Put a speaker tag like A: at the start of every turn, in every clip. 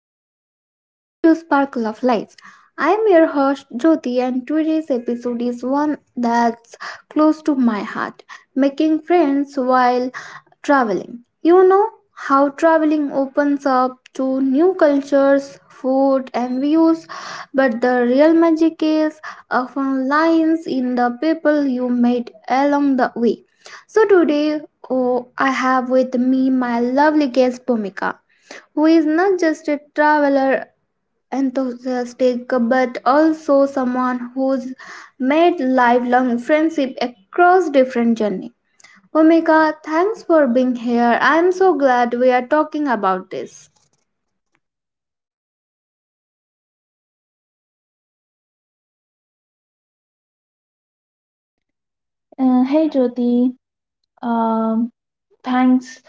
A: everyone, welcome back to Sparkle of Life. I am your host Jyoti, and today's episode is one that's close to my heart making friends while traveling. You know how traveling opens up to new cultures, food, and views, but the real magic is often lies in the people you meet along the way. So today oh, I have with me my lovely guest, Bhumika who is not just a traveler enthusiast but also someone who's made lifelong friendship across different journeys. Omika, thanks for being here. I'm so glad we are talking about this.
B: Hey Jyoti, um, thanks.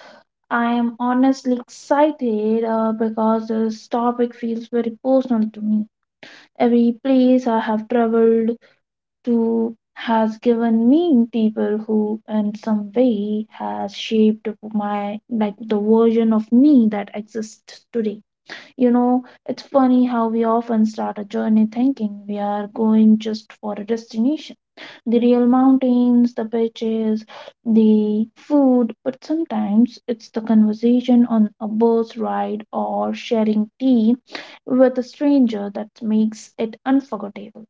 B: I am honestly excited because this topic feels very personal to me. Every place I have traveled to has given me people who, in some way, has shaped my like the version of me that exists today. You know, it's funny how we often start a journey thinking we are going just for a destination, the real mountains, the beaches, the food, but sometimes it's the conversation on a bus ride or sharing tea with a stranger that makes it unforgettable.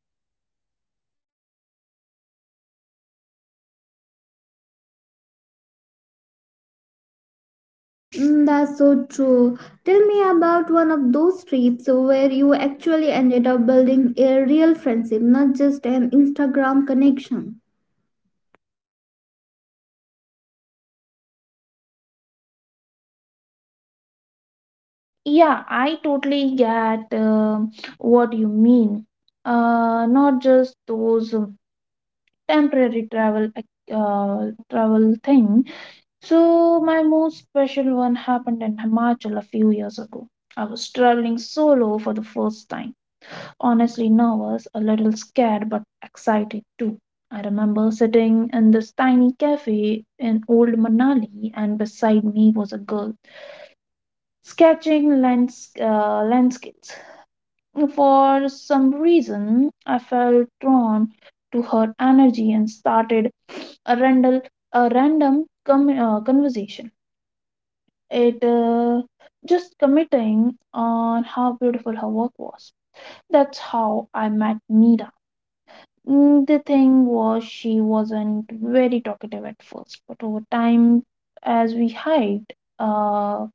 A: Mm, that's so true. Tell me about one of those trips where you actually ended up building a real friendship, not just an Instagram connection.
B: Yeah, I totally get what you mean. Not just those temporary travel things. So, my most special one happened in Himachal a few years ago. I was traveling solo for the first time. Honestly, nervous, a little scared, but excited too. I remember sitting in this tiny cafe in old Manali, and beside me was a girl sketching landscapes. For some reason, I felt drawn to her energy and started a, random, a random conversation. It just committing on how beautiful her work was. That's how I met Mira. The thing was, she wasn't very talkative at first, but over time, as we hiked uh,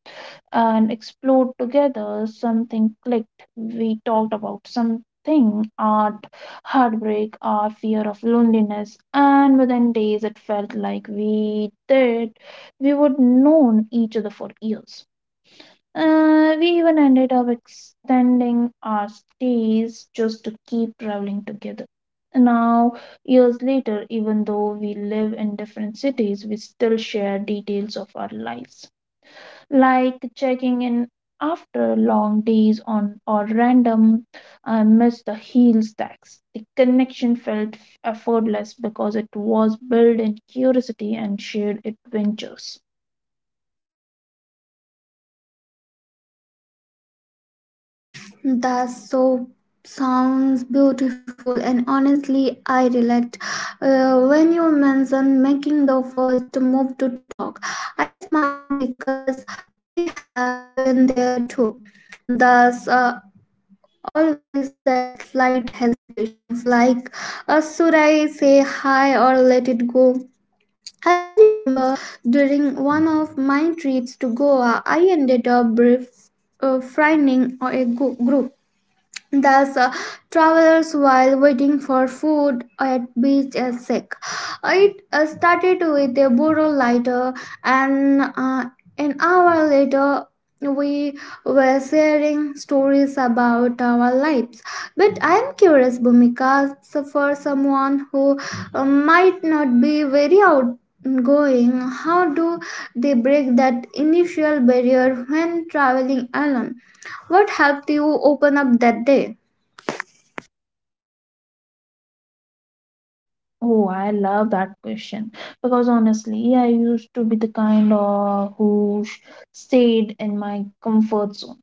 B: and explored together, something clicked. We talked about something, art, heartbreak, our fear of loneliness, and within days, it felt like we would known each other for years. We even ended up extending our stays just to keep traveling together. Now, years later, even though we live in different cities, we still share details of our lives, like checking in after long days on or random. I miss the heel stacks. The connection felt effortless because it was built in curiosity and shared adventures.
A: That so sounds beautiful, and honestly, I relate. When you mentioned making the first move to talk, I smile because I have been there too. Thus, uh, Always that slight hesitations, like should I say hi or let it go. I remember during one of my trips to Goa, I ended up brief finding a group Thus, uh, travelers, while waiting for food at beach and sick, it started with a burro lighter, and an hour later, we were sharing stories about our lives. But I am curious, Bhumika, so for someone who might not be very outgoing, how do they break that initial barrier when traveling alone? What helped you open up that day?
B: Oh, I love that question because honestly, I used to be the kind of who stayed in my comfort zone.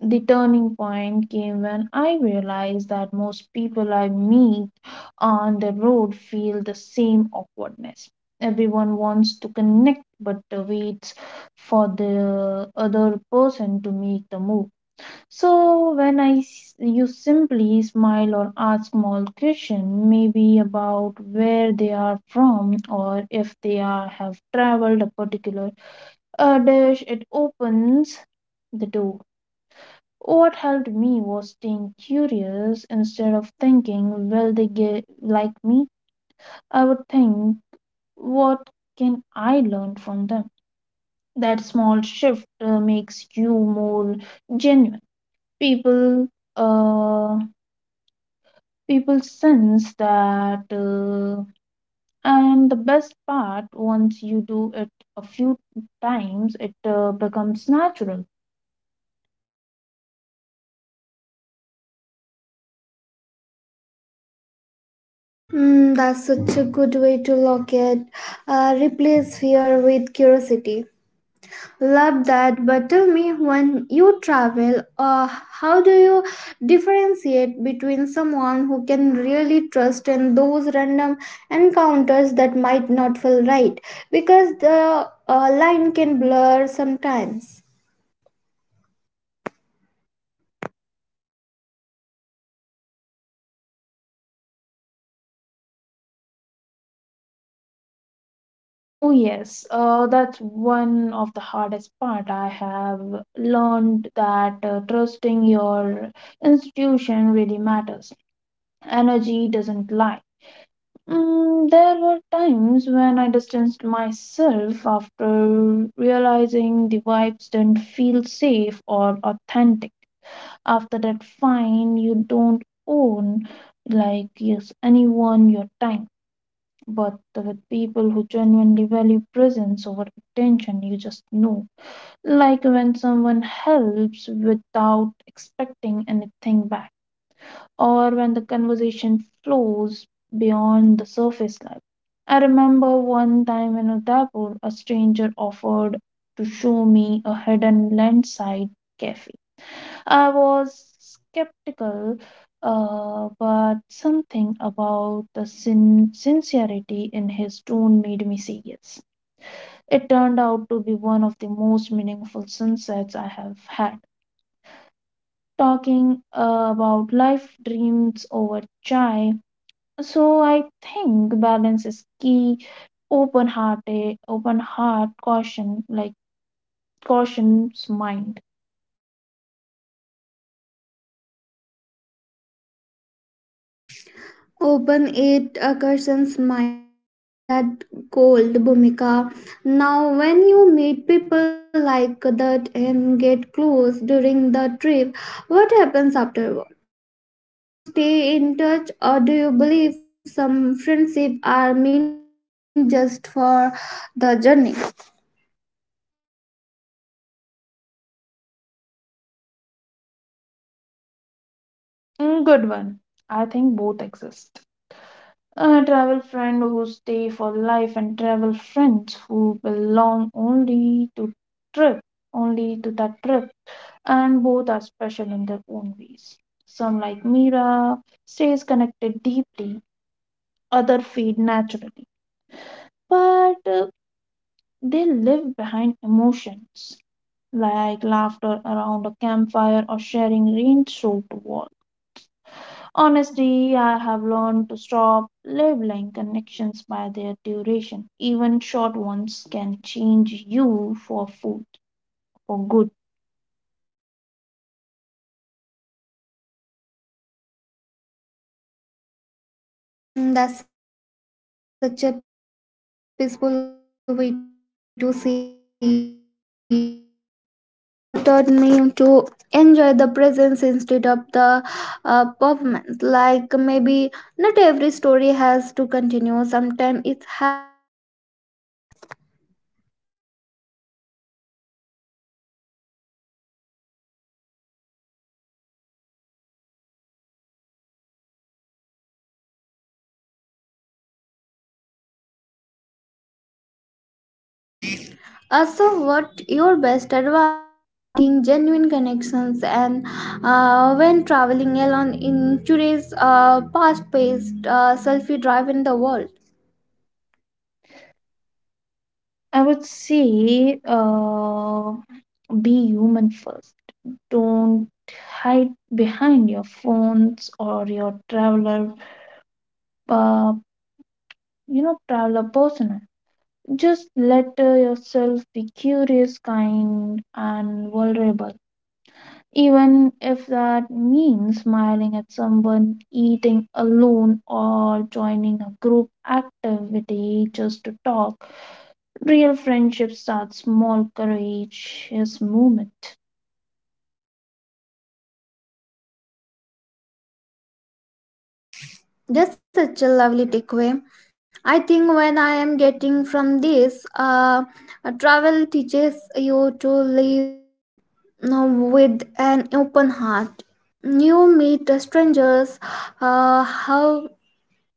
B: The turning point came when I realized that most people I meet on the road feel the same awkwardness. Everyone wants to connect, but waits for the other person to make the move. You simply smile or ask small question, maybe about where they are from or if they are have traveled a particular dish, it opens the door. What helped me was staying curious instead of thinking, will they get like me? I would think, what can I learn from them? That small shift makes you more genuine. People uh people sense that, and the best part, once you do it a few times, it becomes natural.
A: Mm, that's such a good way to look at. Replace fear with curiosity. Love that, but tell me when you travel, how do you differentiate between someone who can really trust and those random encounters that might not feel right? Because the line can blur sometimes.
B: Oh, yes, that's one of the hardest part I have learned that trusting your institution really matters. Energy doesn't lie. There were times when I distanced myself after realizing the vibes didn't feel safe or authentic. After that fine, you don't own like yes anyone your time, but with people who genuinely value presence over attention, you just know, like when someone helps without expecting anything back or when the conversation flows beyond the surface level. I remember one time in Udaipur, a stranger offered to show me a hidden landside cafe. I was skeptical, but something about the sincerity in his tone made me serious. It turned out to be one of the most meaningful sunsets I have had. Talking about life dreams over chai. So I think balance is key. Open hearted, open heart caution, like caution's mind.
A: Open it occurs minds that gold Bhumika. Now when you meet people like that and get close during the trip, what happens afterward? Now, do you stay in touch or do you believe some friendship are meant just for the journey?
B: Mm, good one. I think both exist. A travel friend who stay for life and travel friends who belong only to trip, only to that trip, and both are special in their own ways. Some like Mira stays connected deeply, other feed naturally, but they live behind emotions like laughter around a campfire or sharing rain-soaked water. Honestly, I have learned to stop labeling connections by their duration. Even short ones can change you for food, for good.
A: Mm, that's such a peaceful way to see it. You know, when I think uh, of my travel, friends taught me to enjoy the presence instead of the performance. Like maybe not every story has to continue. Sometimes it has to be cherished. So what your best advice for making genuine connections and when traveling alone in today's fast-paced, selfie-driven the world?
B: I would say, be human first. Don't hide behind your phones or your traveler, uh, traveler persona. Just let yourself be curious, kind, and vulnerable. Even if that means smiling at someone, eating alone, or joining a group activity just to talk. Real friendship starts small, courageous moment.
A: That's such a lovely takeaway. I think when I am getting from this, travel teaches you to live with an open heart. You meet strangers, how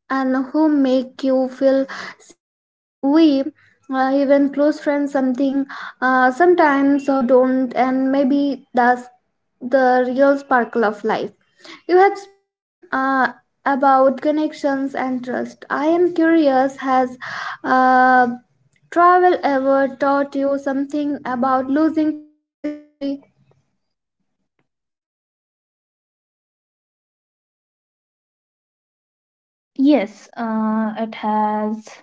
A: and who make you feel seen in way even close friends something sometimes don't, and maybe that's the real sparkle of life. You have spoken about connections and trust. I am curious, has uh, travel ever taught you something about losing friend gracefully?
B: Yes, it has.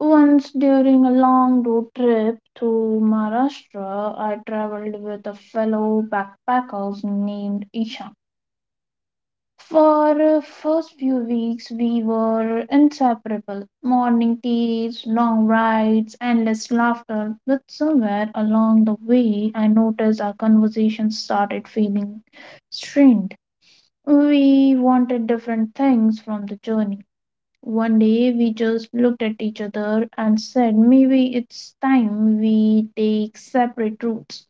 B: Once during a long road trip through Maharashtra, I traveled with a fellow backpacker named Ishan. For first few weeks, we were inseparable. Morning teas, long rides, endless laughter. But somewhere along the way, I noticed our conversation started feeling strained. We wanted different things from the journey. One day, we just looked at each other and said, maybe it's time we take separate routes.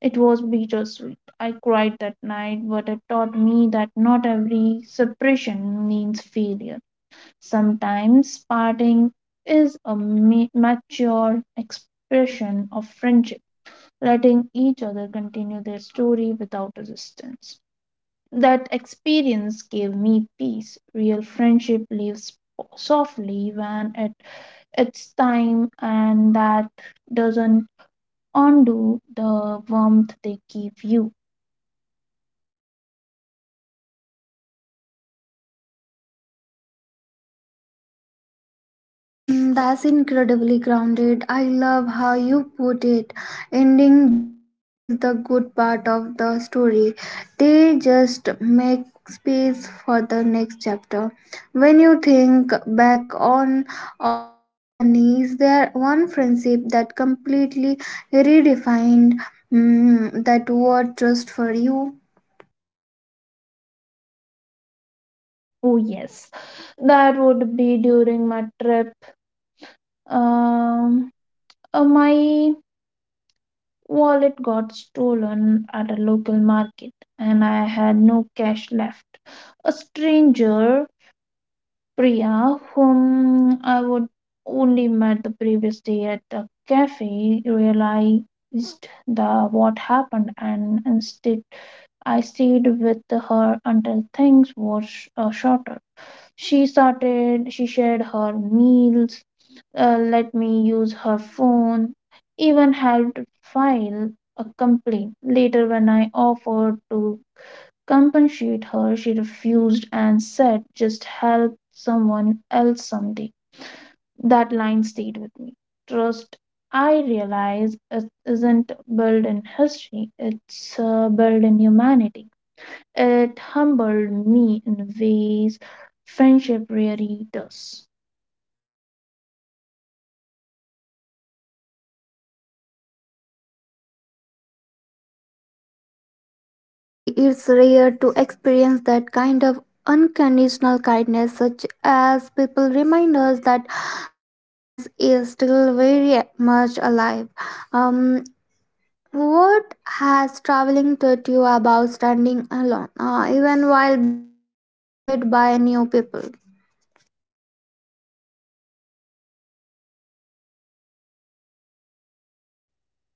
B: It was bittersweet. I cried that night, but it taught me that not every suppression means failure. Sometimes parting is a mature expression of friendship, letting each other continue their story without resistance. That experience gave me peace. Real friendship lives softly when it, it's time, and that doesn't undo the warmth they give you.
A: Mm, that's incredibly grounded. I love how you put it. Ending don't erase the good part of the story. They just make space for the next chapter. When you think back on all those journeys, there one friendship that completely redefined that word trust for you.
B: Oh, yes. That would be during my trip. Um, my wallet got stolen at a local market and I had no cash left. A stranger, Priya, whom I would only met the previous day at a cafe, realized the what happened and instead I stayed with her until things were shorter. She started she shared her meals, let me use her phone, even helped file a complaint. Later, when I offered to compensate her, she refused and said, just help someone else someday. That line stayed with me. Trust, I realize, it isn't built in history, it's built in humanity. It humbled me in ways friendship really does.
A: Hmm, that's an incredible story. It's rare to experience that kind of unconditional kindness, such as people remind us that goodness is still very much alive. Um, what has traveling taught you about standing alone, even while being surrounded by new people?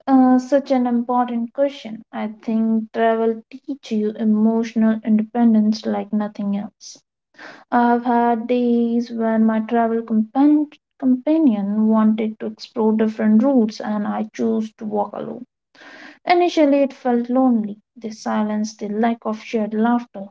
B: Such an important question. I think travel teach you emotional independence like nothing else. I've had days when my travel companion wanted to explore different routes and I chose to walk alone. Initially, it felt lonely, the silence, the lack of shared laughter,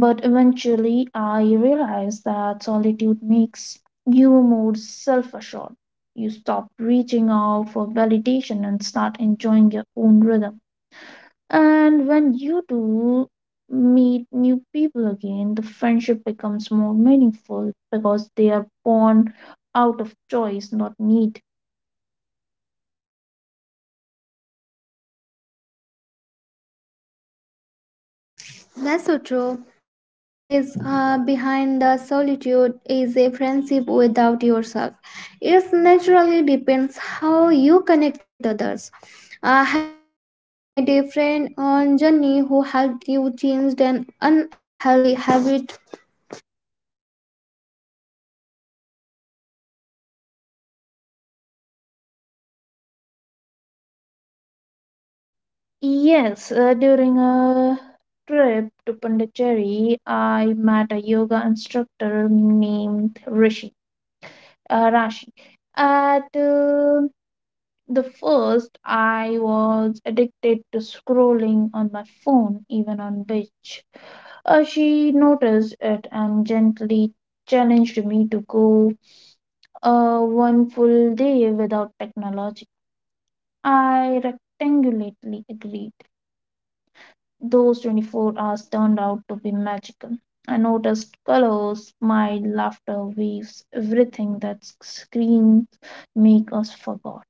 B: but eventually, I realized that solitude makes you more self assured. You stop reaching out for validation and start enjoying your own rhythm. And when you do meet new people again, the friendship becomes more meaningful because they are born out of choice, not need.
A: That's so true. Always behind the solitude is a friendship without yourself. It naturally depends how you connect with others. Have you ever made a friend on journey who helped you change an unhealthy habit?
B: Yes, during a trip to Pondicherry, I met a yoga instructor named Rishi. Rashi. At the first, I was addicted to scrolling on my phone, even on beach. She noticed it and gently challenged me to go one full day without technology. I rectangulately agreed. Those 24 hours turned out to be magical. I noticed colors, smiled, laughter, waves, everything that screens make us forget.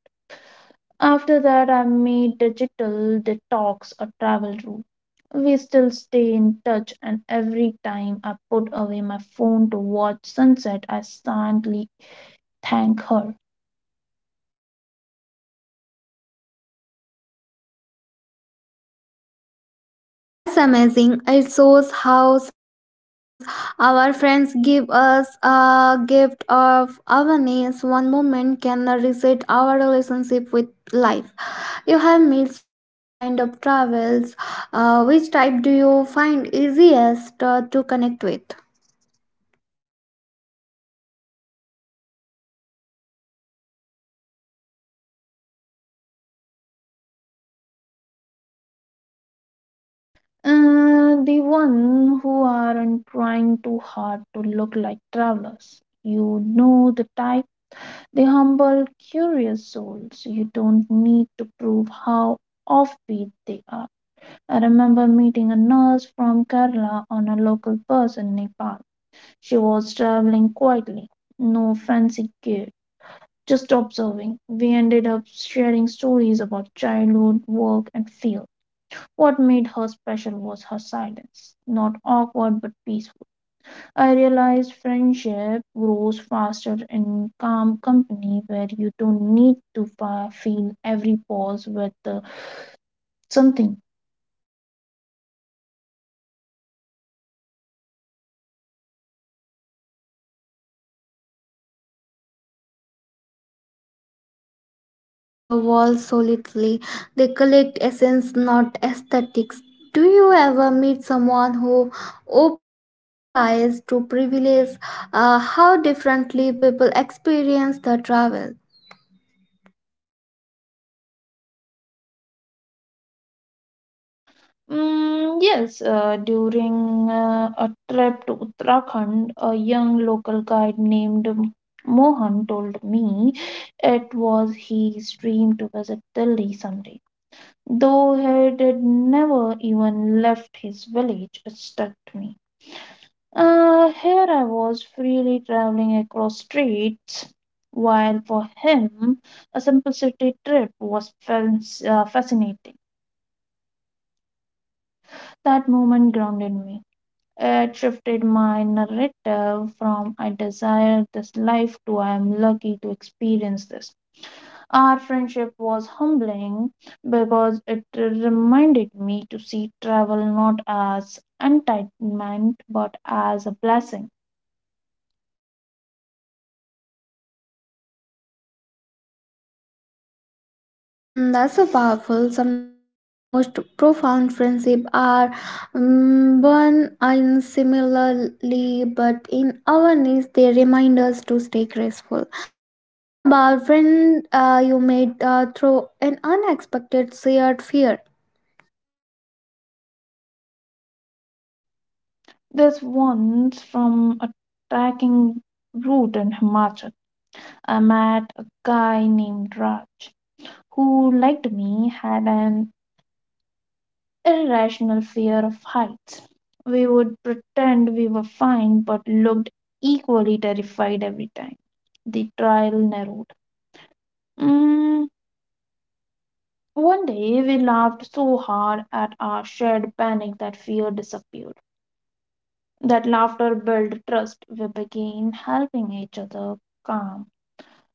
B: After that, I made digital detox a travel rule. We still stay in touch, and every time I put away my phone to watch sunset, I silently thank her.
A: Mm, that's amazing. It shows how sometimes our friends give us a gift of awareness. One moment can reset our relationship with life. You have made so many kind of travels. Which type do you find easiest to connect with?
B: The one who aren't trying too hard to look like travelers. You know the type, the humble, curious souls. You don't need to prove how offbeat they are. I remember meeting a nurse from Kerala on a local bus in Nepal. She was traveling quietly, no fancy gear, just observing. We ended up sharing stories about childhood, work, and field. What made her special was her silence, not awkward but peaceful. I realized friendship grows faster in calm company where you don't need to fill every pause with something.
A: Ah, you are right. Real travelers move through the world solidly. They collect essence, not aesthetics. Do you ever meet someone who opened your eyes to privilege? How differently people experience the travel?
B: Yes, during a trip to Uttarakhand, a young local guide named Mohan told me it was his dream to visit Delhi someday. Though he did never even left his village, it stuck to me. Here I was freely traveling across streets, while for him, a simple city trip was fascinating. That moment grounded me. It shifted my narrative from I desire this life to I am lucky to experience this. Our friendship was humbling because it reminded me to see travel not as entitlement but as a blessing.
A: Mm, that's so powerful. Sometimes the most profound friendship are born in similarly, but in awareness, they remind us to stay graceful. Tell me about friend you made through an unexpected shared fear.
B: This once from a trekking route in Himachal, I met a guy named Raj who liked me had an irrational fear of heights. We would pretend we were fine but looked equally terrified every time. The trial narrowed. Mm, One day we laughed so hard at our shared panic that fear disappeared. That laughter built trust. We began helping each other calm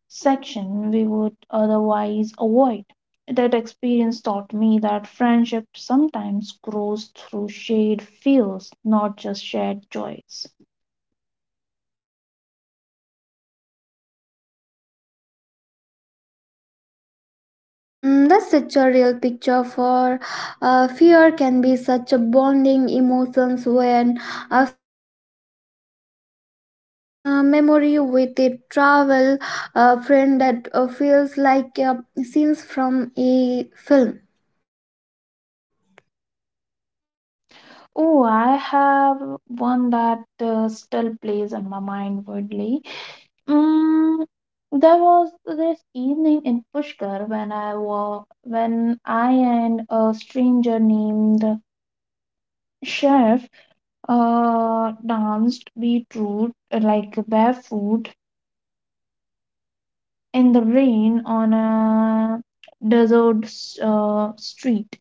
B: section we would otherwise avoid. That experience taught me that friendship sometimes grows through shared fears, not just shared joys.
A: Mm, that's such a real picture for fear can be such a bonding emotions when faced together. What one memory with a travel friend that feels like scenes from a film.
B: Oh, I have one that still plays in my mind vividly. Mm, there was this evening in Pushkar when I and a stranger named Chef danced beetroot like barefoot in the rain on a desert street,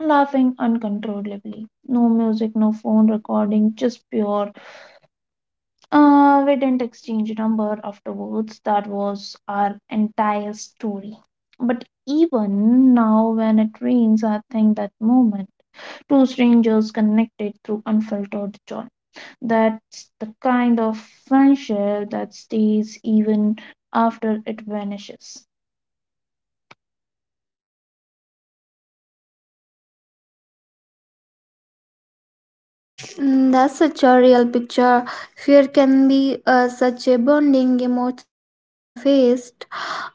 B: laughing uncontrollably. No music, no phone recording, just pure. We didn't exchange number afterwards. That was our entire story. But even now, when it rains, I think that moment. Two strangers connected through unfiltered joy. That's the kind of friendship that stays even after it vanishes.
A: Mm, that's such a real picture. Fear can be such a bonding emotions when faced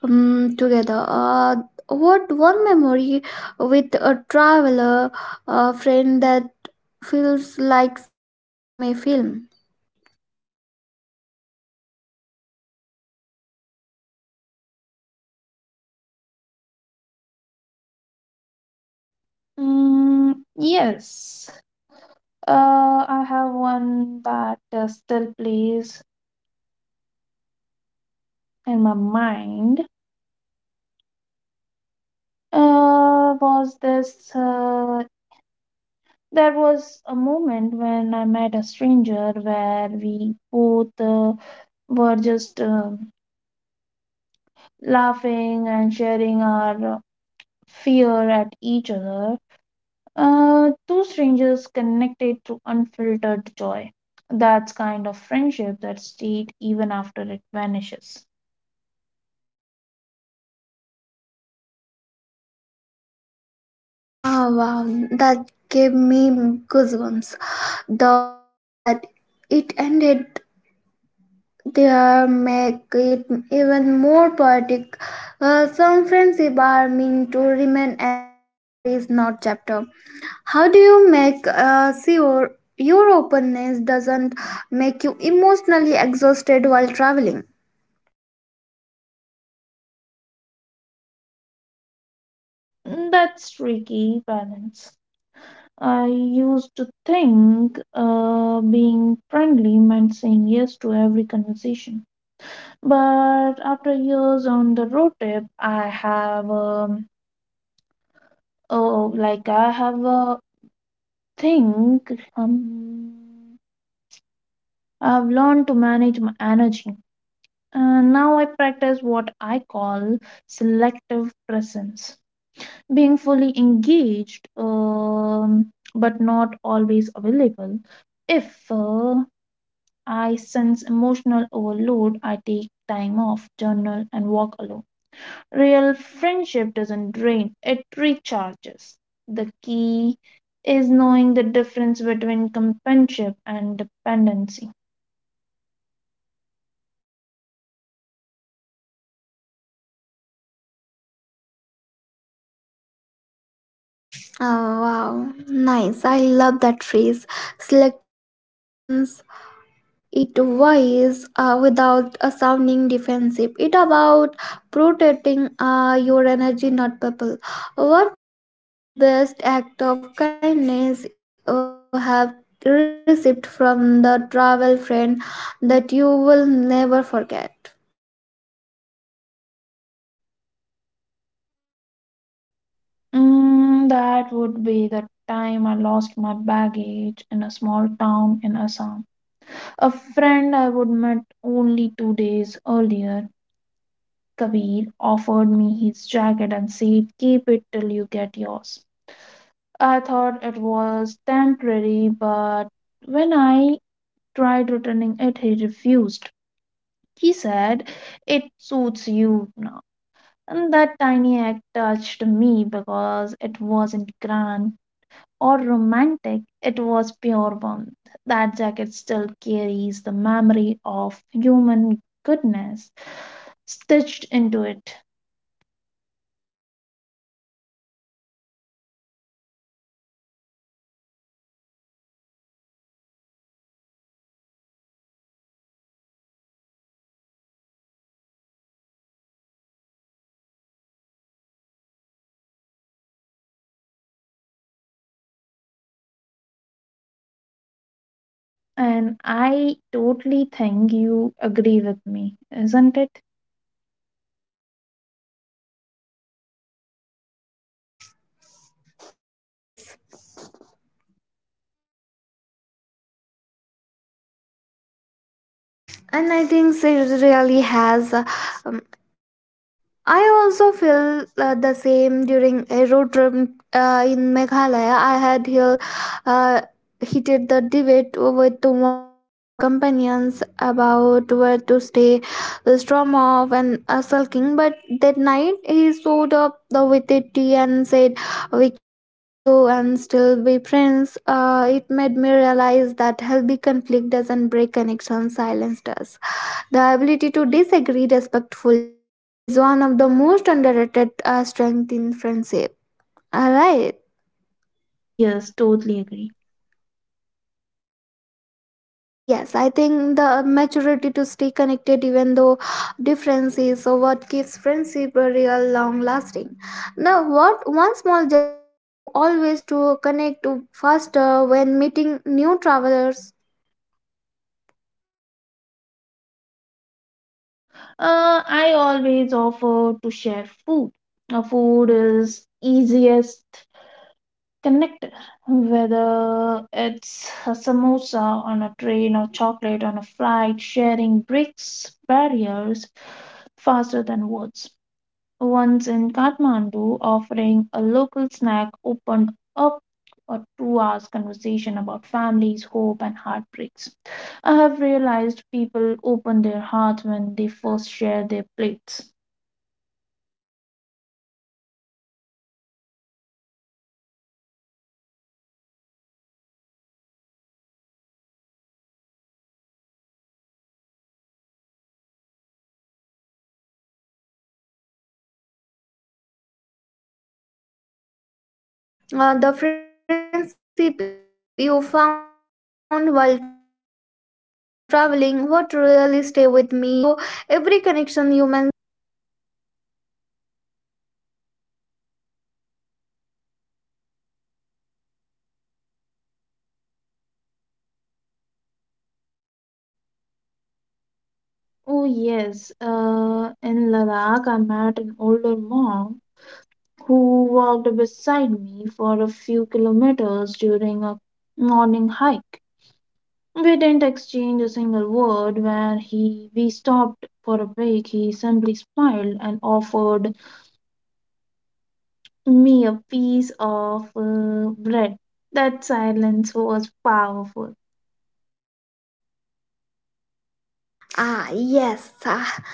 A: together. What one memory with a traveler, a friend that feels like scenes from a film.
B: Yes. I have one that still plays in my mind. Was this? There was a moment when I met a stranger where we both were just laughing and sharing our fear at each other. Two strangers connected through unfiltered joy. That's kind of friendship that stayed even after it vanishes.
A: Ah, wow, that gave me goosebumps. The fact that it ended there make it even more poetic. Some friendship are meant to remain as memories, not chapter. How do you make sure your openness doesn't make you emotionally exhausted while traveling?
B: That's tricky balance. I used to think being friendly meant saying yes to every conversation. But after years on the road trip, like I have a thing. Um, I've learned to manage my energy. And now I practice what I call selective presence. Being fully engaged, but not always available. If uh, I sense emotional overload, I take time off, journal, and walk alone. Real friendship doesn't drain, it recharges. The key is knowing the difference between companionship and dependency.
A: Oh, wow, nice! I love that phrase, selective presence. It wise without sounding defensive, it about protecting your energy, not people. What the best act of kindness you have received from the travel friend that you will never forget?
B: That would be the time I lost my baggage in a small town in Assam. A friend I would met only 2 days earlier, Kabir, offered me his jacket and said, keep it till you get yours. I thought it was temporary, but when I tried returning it, he refused. He said, it suits you now. And that tiny act touched me because it wasn't grand or romantic, it was pure warmth. That jacket still carries the memory of human goodness stitched into it.
A: Mm, that's so simple yet profound. Kindness is woven into more gestures, not grand gesture. Has traveling with stranger ever changed how you view the argument and disagreements?
B: And I totally think you agree with me, isn't it?
A: Yes, and I think it really has um, I also feel the same during a road trip in Meghalaya. I had here uh, heated the debate with one my companions about where to stay, the storm off and sulking. But that night he showed up the with a tea and said we can argue and still be friends. It made me realize that healthy conflict doesn't break connection, silenced us. The ability to disagree respectfully is one of the most underrated strengths in friendship. All right.
B: Yes, totally agree.
A: Yes, I think the maturity to stay connected even though difference is what keeps friendship a real long lasting. Now, what one small gesture you always do connect to faster when meeting new travelers?
B: I always offer to share food. Food is easiest connect, whether it's a samosa on a train or chocolate on a flight. Sharing breaks barriers faster than words. Once in Kathmandu, offering a local snack opened up a 2 hours conversation about families, hope and heartbreaks. I have realized people open their hearts when they first share their plates.
A: Ah, exactly, Bhumika. I have to say this. This entire conversation has felt like a long, beautiful journey in itself. You have taken us through mountains, cafe, laughter, silence, even heartbreak. Although the friendship you found while traveling, what really stay with me is how every connection you mentioned wasn't just about meeting new people but also about discovering new parts of yourself. The truth is, travel friendship reminds us the even in most random corners of a world, uh,
B: Oh,
A: we can
B: yes,
A: still belong
B: in
A: somewhere.
B: Ladakh I met an older monk who walked beside me for a few kilometers during a morning hike. We didn't exchange a single word when he we stopped for a break. He simply smiled and offered me a piece of bread. That silence was powerful.
A: Ah, yes. Ah.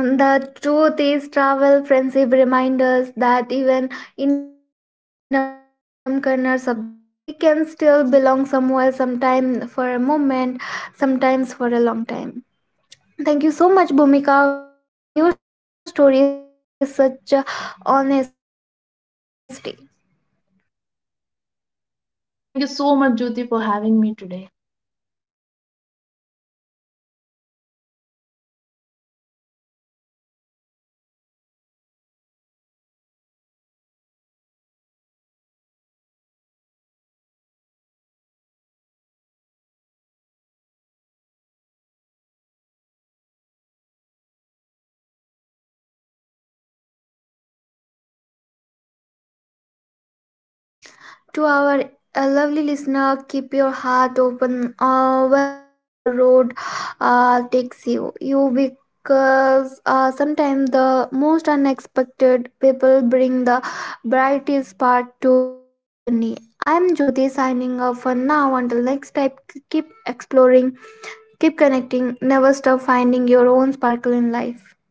A: And the truth is, travel friendship reminds us that even in most random corners of the world, we can still belong somewhere, sometime for a moment, sometimes for a long time. Thank you so much, Bhumika, for sharing your story with such honesty.
B: Thank you so much, Jyoti, for having me today.
A: To our lovely listener, keep your heart open wherever the road takes you. You because sometimes the most unexpected people bring the brightest part to your journey. I'm Jyoti signing off for now. Until next time, keep exploring, keep connecting, never stop finding your own sparkle in life.